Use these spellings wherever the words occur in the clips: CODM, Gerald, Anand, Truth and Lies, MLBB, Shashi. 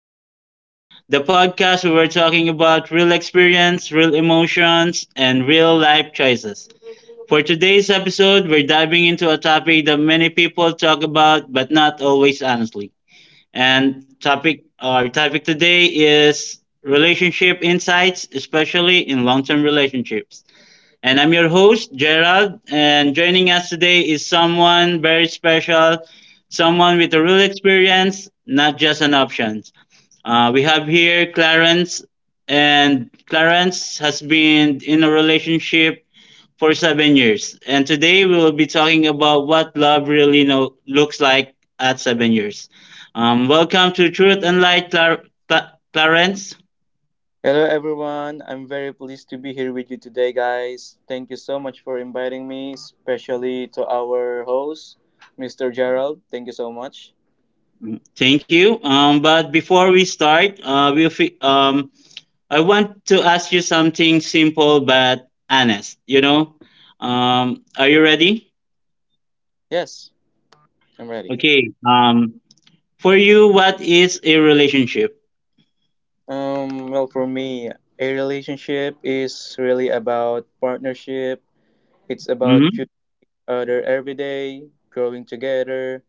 Lies, the podcast where we're talking about real experience, real emotions, and real life choices. For today's episode, we're diving into a topic that many people talk about but not always honestly. And topic our topic today is relationship insights, especially in long-term relationships. And I'm your host, Gerald. And joining us today is someone very special, someone with a real experience, not just an option. We have here Clarence, and Clarence has been in a relationship for 7 years. And today we will be talking about what looks like at 7 years. Welcome to Truth and Light, Clarence. Hello everyone, I'm very pleased to be here with you today, guys. Thank you so much for inviting me, especially to our host, Mr. Gerald. Thank you so much. Thank you. But before we start, I want to ask you something simple but honest, you know? Are you ready? Yes, I'm ready. Okay. For you, what is a relationship? Well, for me, a relationship is really about partnership. It's about Mm-hmm. choosing each other every day, growing together,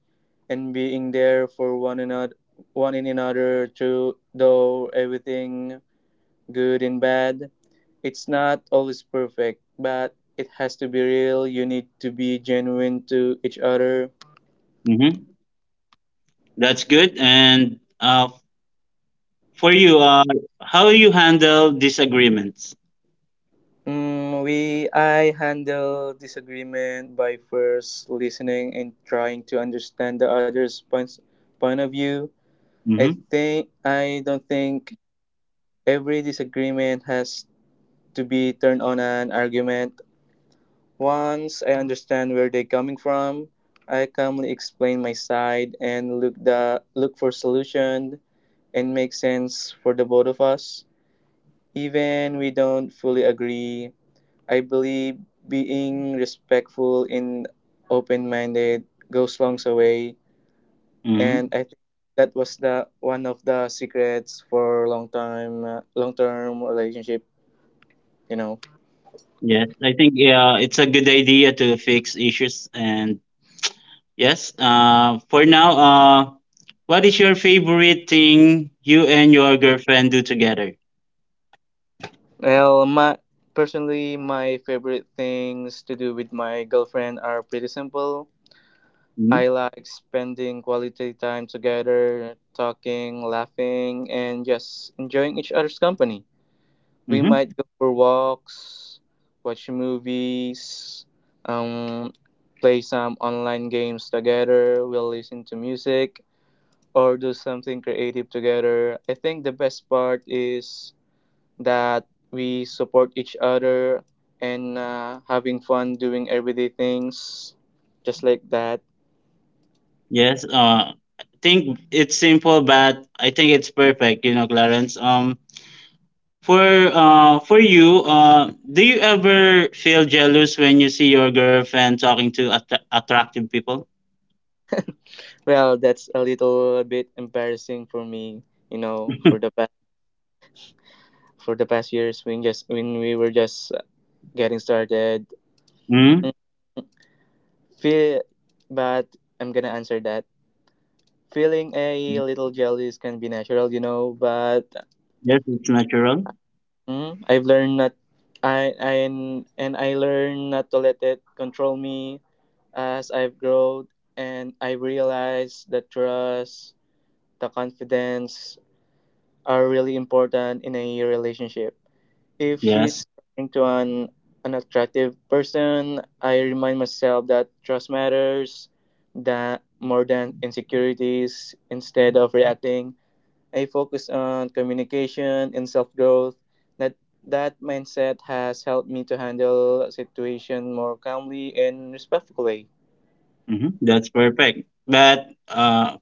and being there for one another, one in another, through though everything good and bad. It's not always perfect, but it has to be real. You need to be genuine to each other. Mm-hmm. That's good. And for you, how you handle disagreements? Mm, we I handle disagreement by first listening and trying to understand the other's point of view. I Mm-hmm. think I don't think every disagreement has to be turned on an argument. Once I understand where they're coming from, I calmly explain my side and look for solution and makes sense for the both of us. Even we don't fully agree, I believe being respectful and open minded goes long way. Mm-hmm. And I think that was the one of the secrets for long time long term relationship, you know. Yes, I think yeah, it's a good idea to fix issues. And yes, for now, what is your favorite thing you and your girlfriend do together? Well, my personally my favorite things to do with my girlfriend are pretty simple. Mm-hmm. I like spending quality time together, talking, laughing, and just enjoying each other's company. We Mm-hmm. might go for walks, watch movies, um, play some online games together, we'll listen to music, or do something creative together. I think the best part is that we support each other and having fun doing everyday things just like that. Yes, I think it's simple, but I think it's perfect. You know, Clarence. For you, do you ever feel jealous when you see your girlfriend talking to attractive people? Well, that's a little bit embarrassing for me, you know, for the past years when just when we were just getting started. Hmm. Mm, Feel, but I'm gonna answer that. Feeling a little jealous can be natural, you know, but Yes, it's natural. mm, I've learned not I I I learned not to let it control me as I've grown and I realized that trust, the confidence are really important in a relationship. If Yes. she's talking to an unattractive person, I remind myself that trust matters that more than insecurities. Instead of reacting, I focus on communication and self-growth. That that mindset has helped me to handle a situation more calmly and respectfully. Hmm, that's perfect. But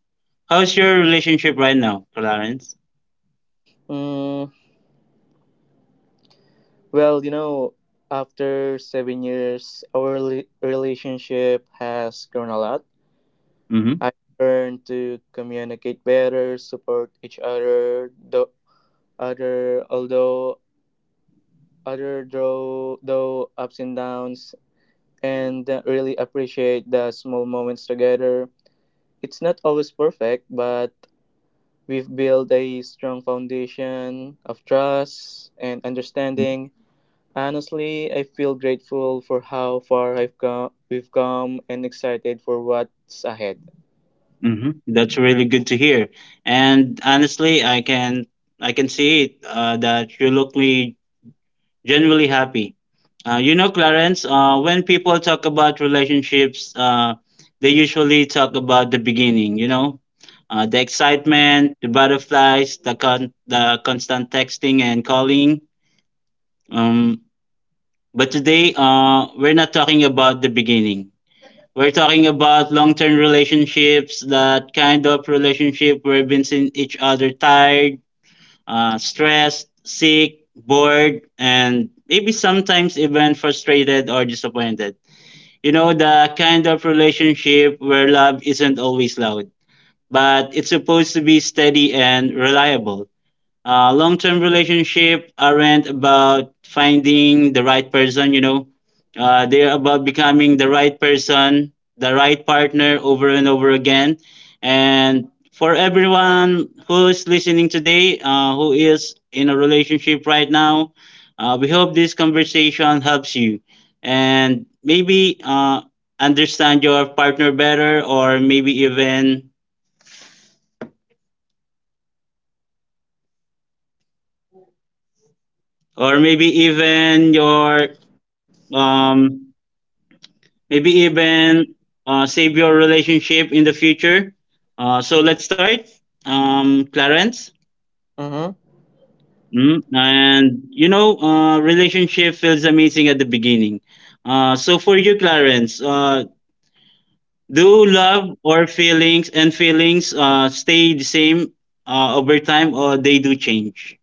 how's your relationship right now, Clarence? Mm, well, you know, after 7 years, our relationship has grown a lot. Mm-hmm. I learned to communicate better, support each other, though other although other though ups and downs, and really appreciate the small moments together. It's not always perfect, but we've built a strong foundation of trust and understanding. Honestly, I feel grateful for how we've come, and excited for what's ahead. Mm-hmm. That's really good to hear. And honestly, I can see it that you look me genuinely happy. You know, Clarence, when people talk about relationships, they usually talk about the beginning, you know, the excitement, the butterflies, the constant texting and calling. Um, but today, we're not talking about the beginning. We're talking about long term relationships, that kind of relationship where we've been seeing each other tired, stressed, sick, bored, and maybe sometimes even frustrated or disappointed. You know, the kind of relationship where love isn't always loud, but it's supposed to be steady and reliable. Long term relationship aren't about finding the right person, you know. They're about becoming the right person, the right partner over and over again. And for everyone who's listening today, who is in a relationship right now, we hope this conversation helps you and maybe understand your partner better, or maybe even your um maybe even save your relationship in the future. So let's start. Clarence. Mhm. Mm, and you know, relationship feels amazing at the beginning. So for you, Clarence, do love or feelings and feelings stay the same over time, or they do change?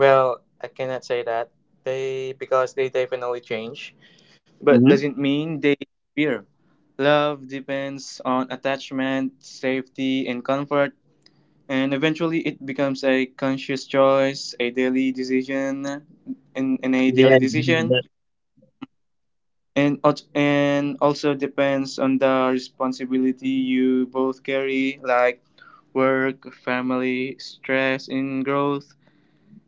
Well, I cannot say that they definitely change, but Mm-hmm. doesn't mean they disappear. Love depends on attachment, safety, and comfort, and eventually it becomes a conscious choice, a daily decision, in, in a daily Yeah. decision, That- and also depends on the responsibility you both carry, like work, family, stress, and growth.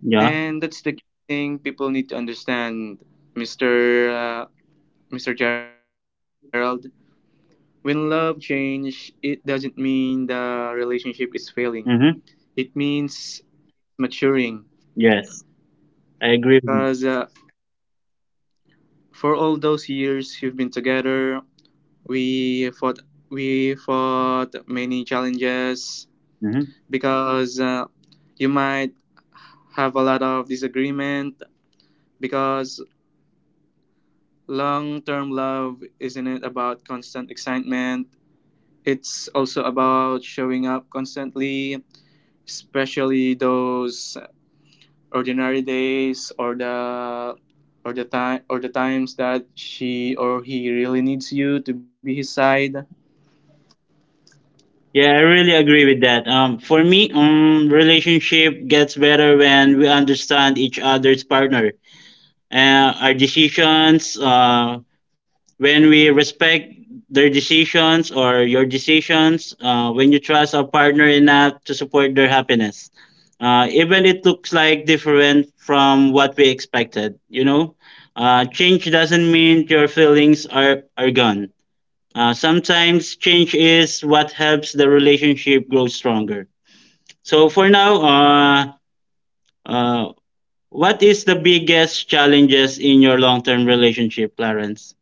Yeah. And that's the thing people need to understand, Mr. Uh, Mr. Gerald. When love change, it doesn't mean the relationship is failing. It Mm-hmm. means maturing. Yes, I agree Because with you. For all those years you've been together, we fought, we fought many challenges. Mm-hmm. Because you might have a lot of disagreement. Because long term love isn't it about constant excitement? It's also about showing up constantly, especially those ordinary days or the times that she or he really needs you to be his side. Yeah, I really agree with that. For me, relationship gets better when we understand each other's partner, our decisions. When we respect their decisions or your decisions. When you trust our partner enough to support their happiness, even it looks like different from what we expected. You know, change doesn't mean your feelings are gone. Sometimes change is what helps the relationship grow stronger. So for now, uh, what is the biggest challenges in your long-term relationship, Clarence?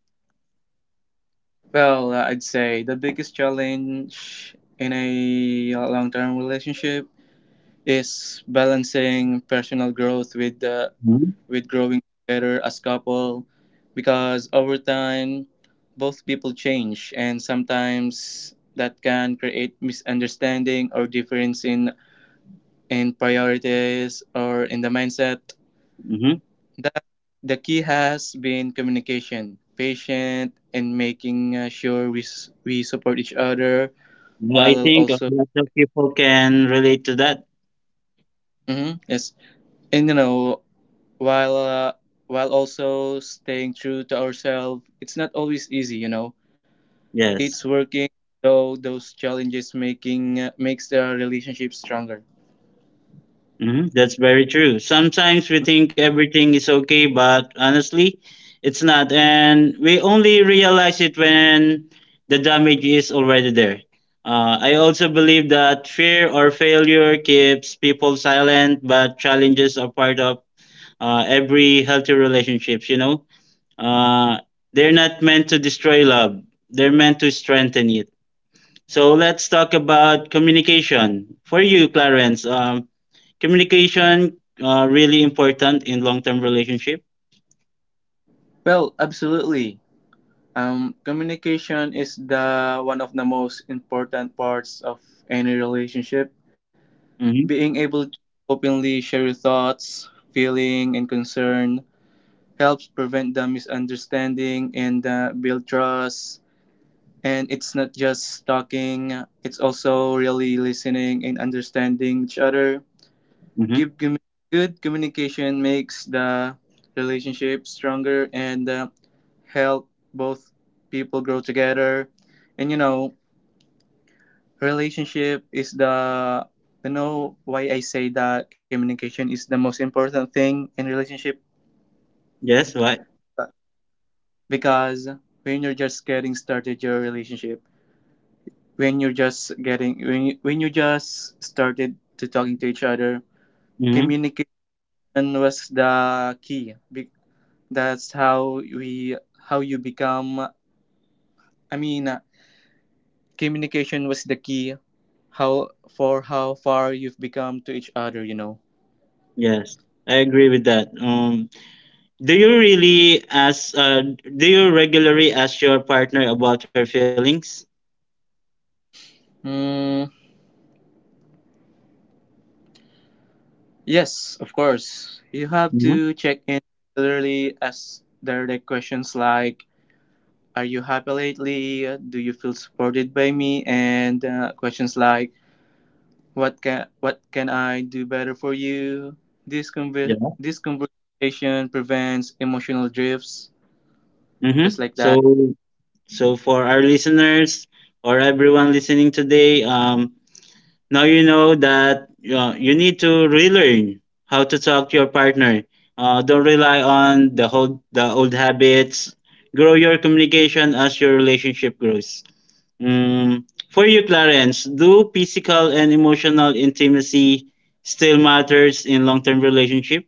Well, I'd say the biggest challenge in a long-term relationship is balancing personal growth with the with growing together as couple because over time both people change and sometimes that can create misunderstanding or difference in priorities or in the mindset. Mm-hmm. That the key has been communication patient and making sure we support each other Yeah, I while think a also. lot of people can relate to that. Mhm, yes, and you know, while uh, while also staying true to ourselves, it's not always easy, you know. It's Yes. working though those challenges, making makes the relationship stronger. Hmm, that's very true. Sometimes we think everything is okay, but honestly, it's not. And we only realize it when the damage is already there. I also believe that fear or failure keeps people silent, but challenges are part of every healthy relationships. You know, uh, they're not meant to destroy love; they're meant to strengthen it. So let's talk about communication. For you, Clarence, communication really important in long term relationship. Well, absolutely, communication is the one of the most important parts of any relationship. Mm-hmm. Being able to openly share your thoughts, feeling and concern helps prevent the misunderstanding and build trust, and it's not just talking, it's also really listening and understanding each other. Give, Mm-hmm. commu- Good communication makes the relationship stronger and help both people grow together. And you know, relationship is the, you know, why I say that communication is the most important thing in relationship, Yes. What? because when you're just getting started your relationship, when you just started to talking to each other, Mm-hmm. communication was the key. That's how you become. I mean, communication was the key. How for how far you've become to each other, you know. Yes. I agree with that. Do you really ask? Do you regularly ask your partner about her feelings? Mm, yes, of course. You have Mm-hmm. to check in regularly as direct questions like, "Are you happy lately? Do you feel supported by me?" And questions like, "What can I do better for you?" This conver- Yeah. this conversation prevents emotional drifts, Mm-hmm. just like that. So for our listeners or everyone listening today, now you know that you need to relearn how to talk to your partner. Don't rely on the old habits. Grow your communication as your relationship grows. Mm. For you, Clarence, do physical and emotional intimacy still matters in long term relationship?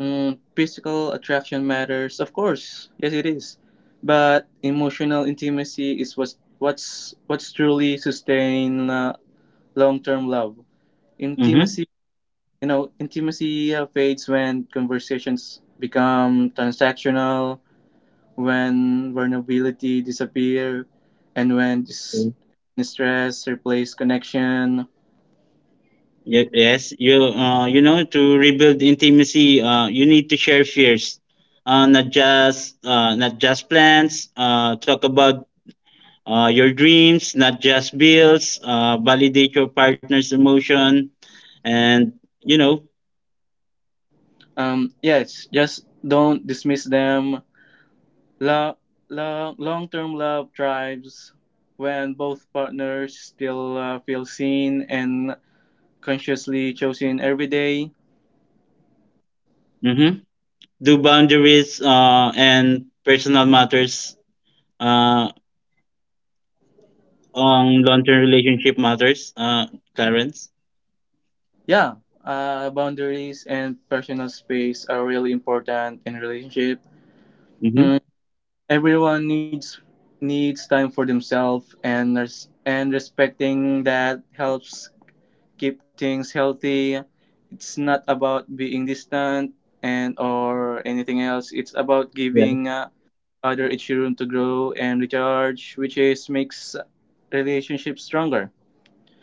Mm, physical attraction matters, of course. Yes, it is. But emotional intimacy is what's truly sustain long-term love. Mm-hmm. Intimacy, you know, intimacy fades when conversations become transactional, when vulnerability disappear, and when stress replace connection. Yes, you know, to rebuild intimacy, you need to share fears, not just plans. Talk about your dreams, not just bills. Validate your partner's emotion, and you know, Yes, just don't dismiss them. Lo- long-term love thrives when both partners still feel seen and consciously chosen every day. mhm, do boundaries and personal matters uh, on long-term relationship matters. Clarence. Yeah, boundaries and personal space are really important in relationship. Mm-hmm. Mm, everyone needs time for themselves, and respecting that helps keep things healthy. It's not about being distant and or anything else. It's about Yes. giving other each room to grow and recharge, which is makes relationships stronger.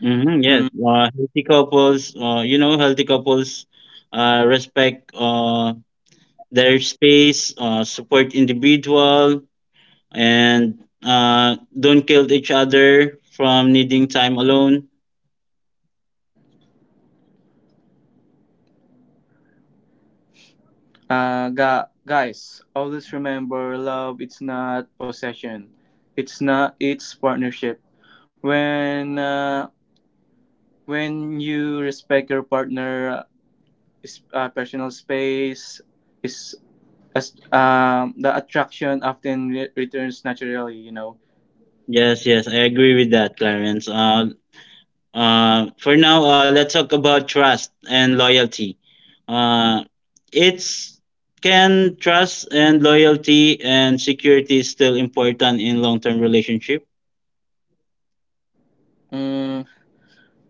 Mm-hmm, yes. Hmm. Healthy couples. You know, healthy couples respect their space, support individual, and don't kill each other from needing time alone. Guys, always remember, love it's not possession. It's not. It's partnership. When uh, when you respect your partner, personal space, his as the attraction often returns naturally, you know. Yes, yes, I agree with that, Clarence. For now, let's talk about trust and loyalty. Uh, it's Can trust and loyalty and security is still important in long-term relationship. Mm,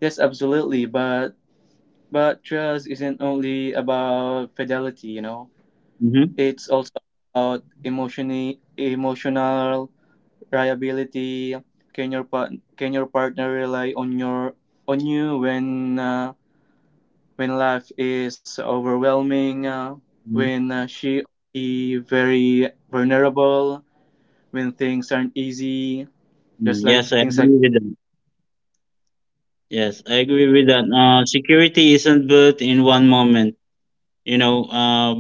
yes, absolutely, but trust isn't only about fidelity, you know, Mm-hmm. it's also about emotional reliability. Can your partner rely on you when life is overwhelming, when she or he very vulnerable, when things aren't easy, just like Yes, I things like. agree with that. Yes, I agree with that. Security isn't built in one moment. You know,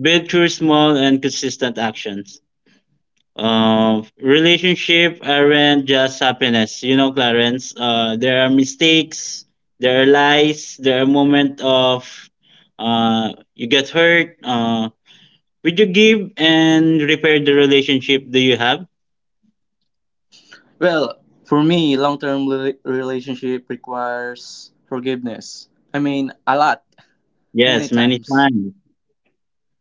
built through small and consistent actions. Relationship aren't just happiness, you know, Clarence. There are mistakes, there are lies, there are moments of you get hurt. Would you give and repair the relationship do you have? Well, for me, long term relationship requires forgiveness. I mean, a lot, many Yes, many times. times.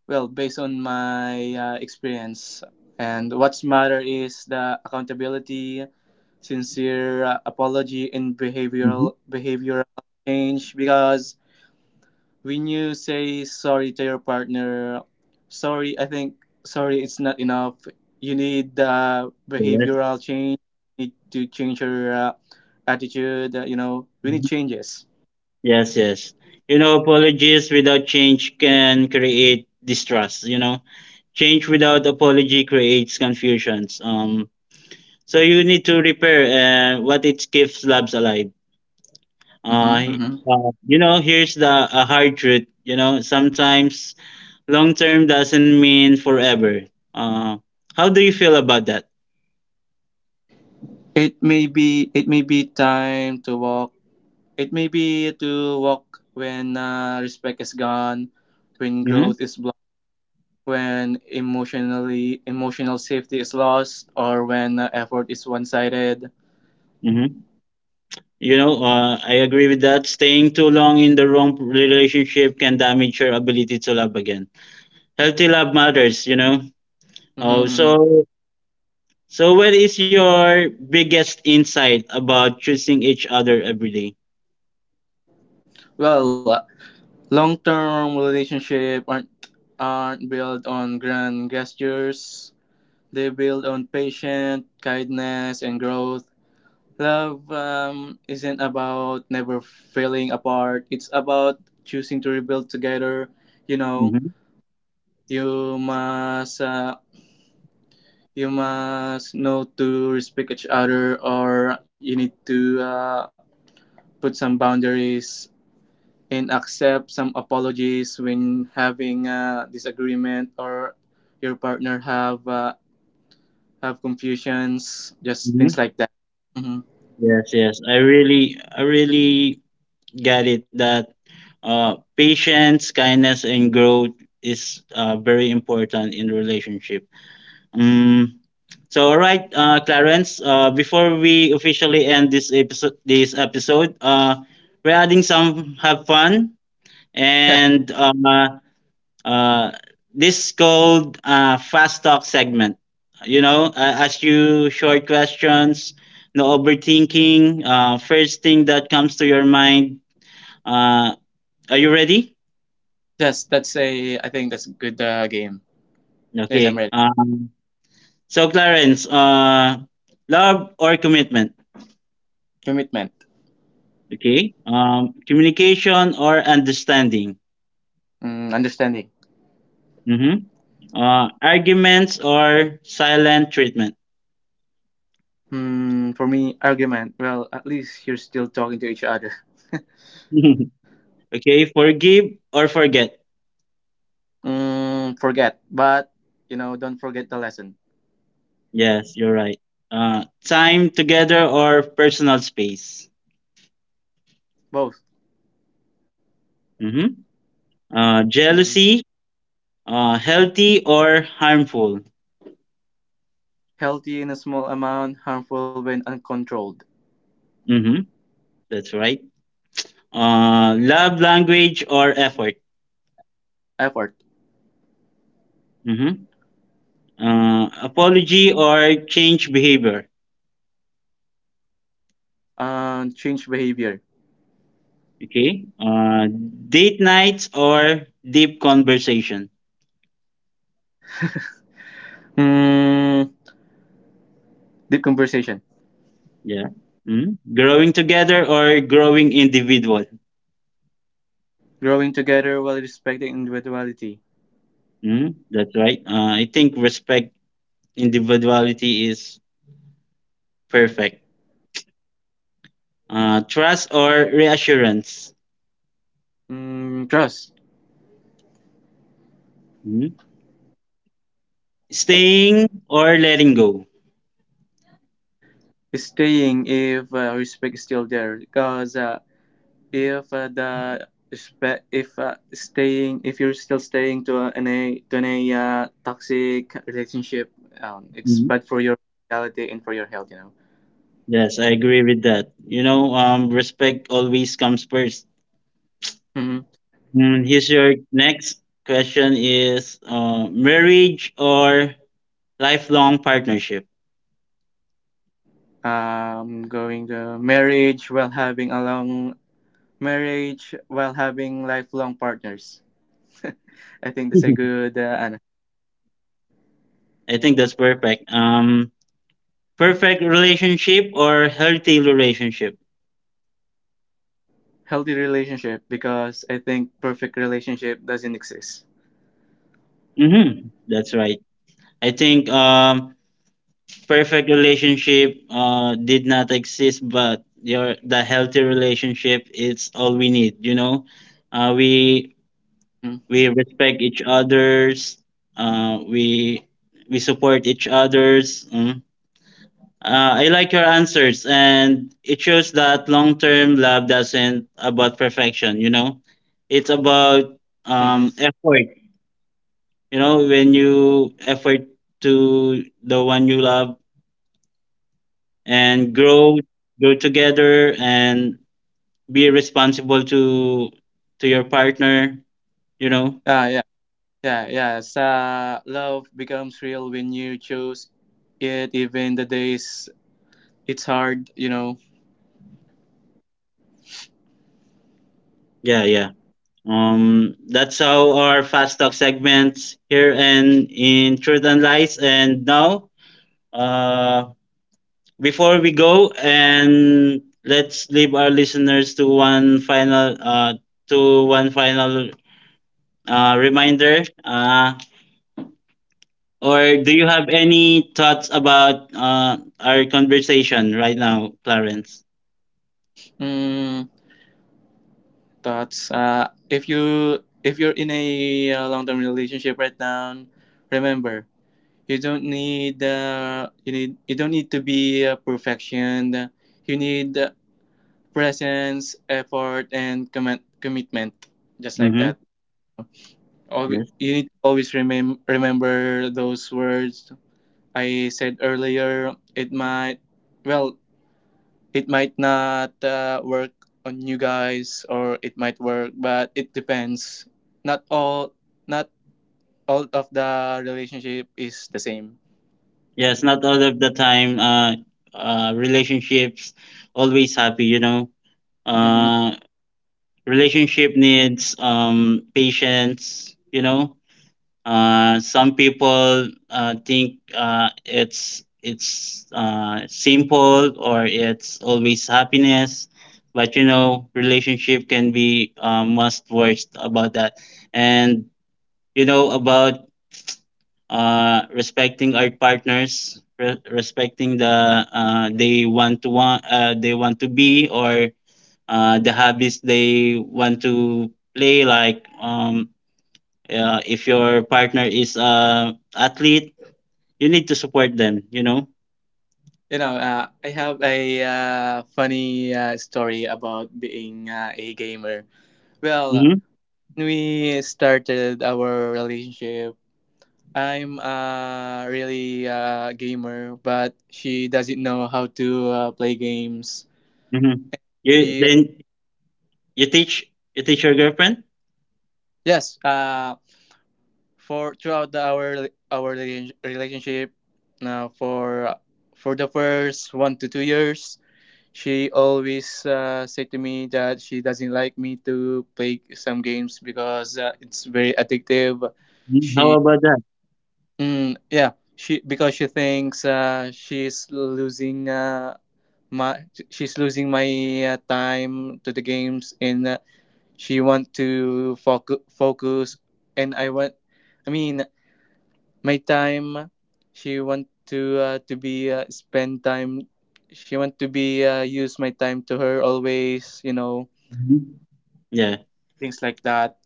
Well, based on my experience. And what's matter is the accountability, sincere apology, and Mhm. behavioral change, because when you say sorry to your partner, sorry, I think sorry it's not enough. You need Yes. behavioral change. You need to change your attitude. You know, we need Mhm. changes. Yes, yes. You know, apologies without change can create distrust, you know. Change without apology creates confusions. So you need to repair and what it keeps labs alive. Uh, Mm-hmm, mm-hmm. You know, here's the a hard truth. You know, sometimes long term doesn't mean forever. Uh, how do you feel about that? It may be time to walk. It may be to walk when respect is gone, when Hmm. growth is blocked, when emotional safety is lost, or when effort is one-sided. Hmm. You know, I agree with that. Staying too long in the wrong relationship can damage your ability to love again. Healthy love matters. You know. Mm-hmm, Oh, mm-hmm. so so what is your biggest insight about choosing each other every day? Well, long term relationships aren't built on grand gestures, they build on patience, kindness, and growth. Love isn't about never falling apart, it's about choosing to rebuild together. You know, Mm-hmm. you must. Uh, you must know to respect each other, or you need to put some boundaries and accept some apologies when having a disagreement or your partner have confusions, just things Mm-hmm. like that. Hmm. Yes, yes. I really get it that patience, kindness, and growth is very important in relationship. Um, so, all right, Clarence. Before we officially end this episode, we're adding some have fun and uh, this called fast talk segment. You know, ask you short questions, no overthinking. First thing that comes to your mind. Uh, are you ready? Yes, that's a. I think that's a good game. Yes, Okay. I'm ready. So Clarence, love or commitment? Commitment. Okay. Communication or understanding? Mm, understanding. Mm-hmm. Arguments or silent treatment? Hmm, for me, argument. Well, at least you're still talking to each other. Okay. Forgive or forget? Mm, forget, but you know, don't forget the lesson. Yes, you're right. Time together or personal space. Both. Mm-hmm. Hmm. Jealousy, healthy or harmful. Healthy in a small amount, harmful when uncontrolled. Mm-hmm. That's right. Love language or effort. Effort. Mm-hmm. Apology or change behavior. And change behavior. Okay. Date nights or deep conversation. Mm, deep conversation. Yeah. Hmm, growing together or growing individual. Growing together while respecting individuality. Hmm, that's right. I think respect individuality is perfect. Trust or reassurance? Mm, trust. Mhm. Staying or letting go? Staying if respect is still there. Because if the respect, if staying, if you're still staying to in a toxic relationship, it's Mhm. bad for your reality and for your health. You know. Yes, I agree with that. You know, respect always comes first. Hmm. Here's your next question is marriage or lifelong partnership? Going to marriage while having lifelong partners. I think that's a good ano, I think that's perfect. Perfect relationship or healthy relationship? healthy relationship, because I think perfect relationship doesn't exist. Mm-hmm. That's right. I think perfect relationship did not exist, but your the healthy relationship it's all we need. You know, uh, we we respect each others. Uh, we we support each others. Mm. I like your answers, and it shows that long term love doesn't about perfection. You know, it's about Mm-hmm. Effort. You know, when you effort to the one you love and grow together and be responsible to your partner, you know. Ah, yeah, yeah. So love becomes real when you choose it, even the days it's hard. You know. yeah yeah that's how our fast talk segments here and in truth and lies, and now uh before we go and let's leave our listeners to one final reminder. Or do you have any thoughts about our conversation right now, Clarence? Mm, thoughts. If you if you're in a long-term relationship right now, remember you don't need to be a perfection. You need presence, effort, and commitment. Just like Mm-hmm. that. Always, Yes. you need to always remember those words I said earlier. Well, it might not work on you guys, or it might work, but it depends. Not all, not all of the relationship is the same. Yes, not all of the time. Relationships always happy, you know. Hmm. Uh, Relationship needs patience, you know. Some people think it's simple or it's always happiness, but you know, relationship can be much worst about that. And you know about respecting our partners, respecting the they want to be or the habits they want to play like if your partner is a athlete, you need to support them. You know. You know, I have a funny story about being a gamer. Well, Hmm. we started our relationship, I'm really a gamer, but she doesn't know how to play games. Hmm. You She, then you teach your girlfriend. yes, for throughout our relationship, now for the first 1 to 2 years, she always said to me that she doesn't like me to play some games because it's very addictive. Mhm. How She about that? Yeah, she because she thinks she's losing my time to the games, and she want to focus, and I mean, my time. She want to be spend time. She want to be use my time to her always. You know, Mhm. Yeah, things like that.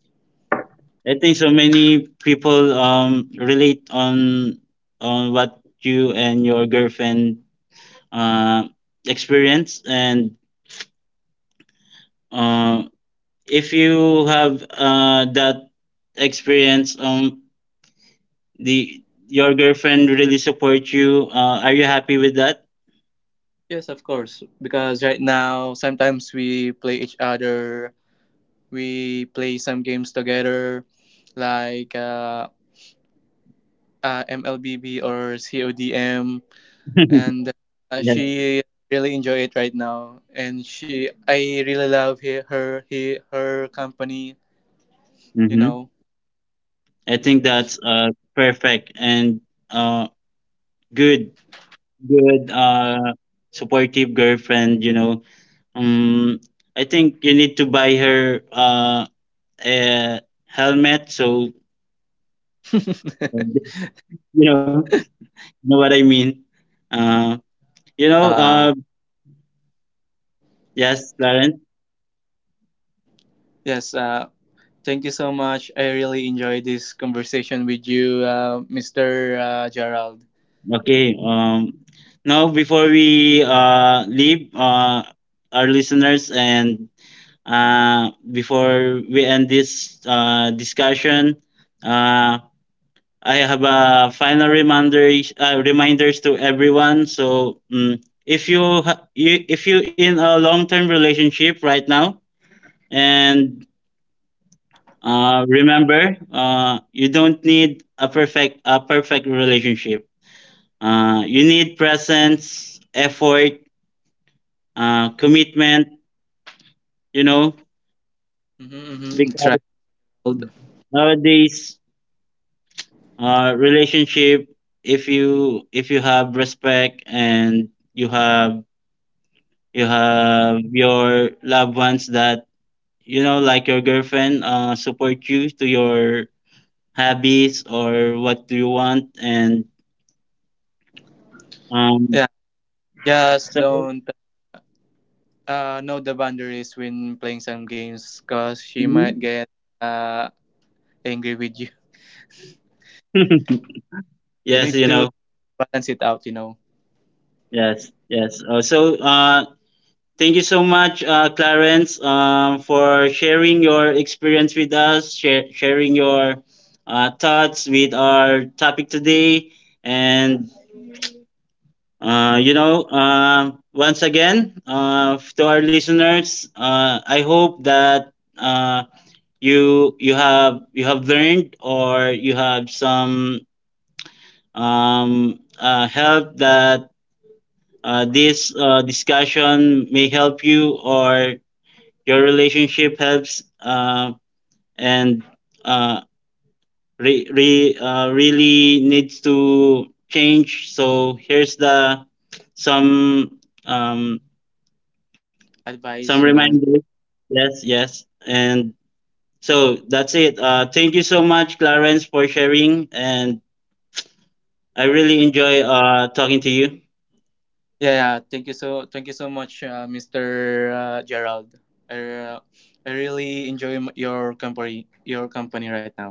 I think so. Many people relate on what you and your girlfriend uh experience, and uh, if you have that experience, the your girlfriend really support you. Are you happy with that? Yes, of course. Because right now sometimes we play some games together, like MLBB or CODM, and Yes. she really enjoy it right now. And I really love her, her company. You Hmm, know. I think that's perfect and uh good good supportive girlfriend, you know. Um I think you need to buy her a helmet so you know, know what I mean. Uh you know, Uh, uh yes, Clarence. yes, thank you so much. I really enjoyed this conversation with you, Mr. Gerald. Okay. Now before we leave our listeners and before we end this discussion, uh, I have a final reminders to everyone. So if you, if you in a long term relationship right now, and remember, you don't need a perfect relationship. You need presence, effort, commitment. You know, Mm-hmm, mm-hmm. That's because right. nowadays relationship, if you have respect and you have your loved ones, that you know, like your girlfriend support you to your hobbies or what do you want. And um Yeah, just so don't know the boundaries when playing some games because she might mhm. get uh, angry with you. You Yes, need you to know, balance it out, you know. yes, yes, so thank you so much, Clarence, for sharing your experience with us, sharing your thoughts with our topic today. And, you know, once again, to our listeners, I hope that you you have learned or you have some help that this discussion may help you or your relationship helps and uh, really needs to change. So here's the some um, some Advice, you know. reminders. Yes, yes, and so that's it. Thank you so much, Clarence, for sharing, and I really enjoy talking to you. Yeah, yeah. Thank you so much, Mr. Gerald. I, uh, I really enjoy your your company right now.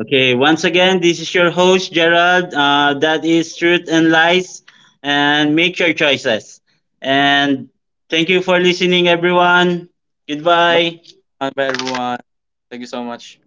Okay, once again, this is your host, Gerald. That is Truth and Lies, and make your choices. And thank you for listening, everyone. Goodbye. Bye, bye everyone. Thank you so much.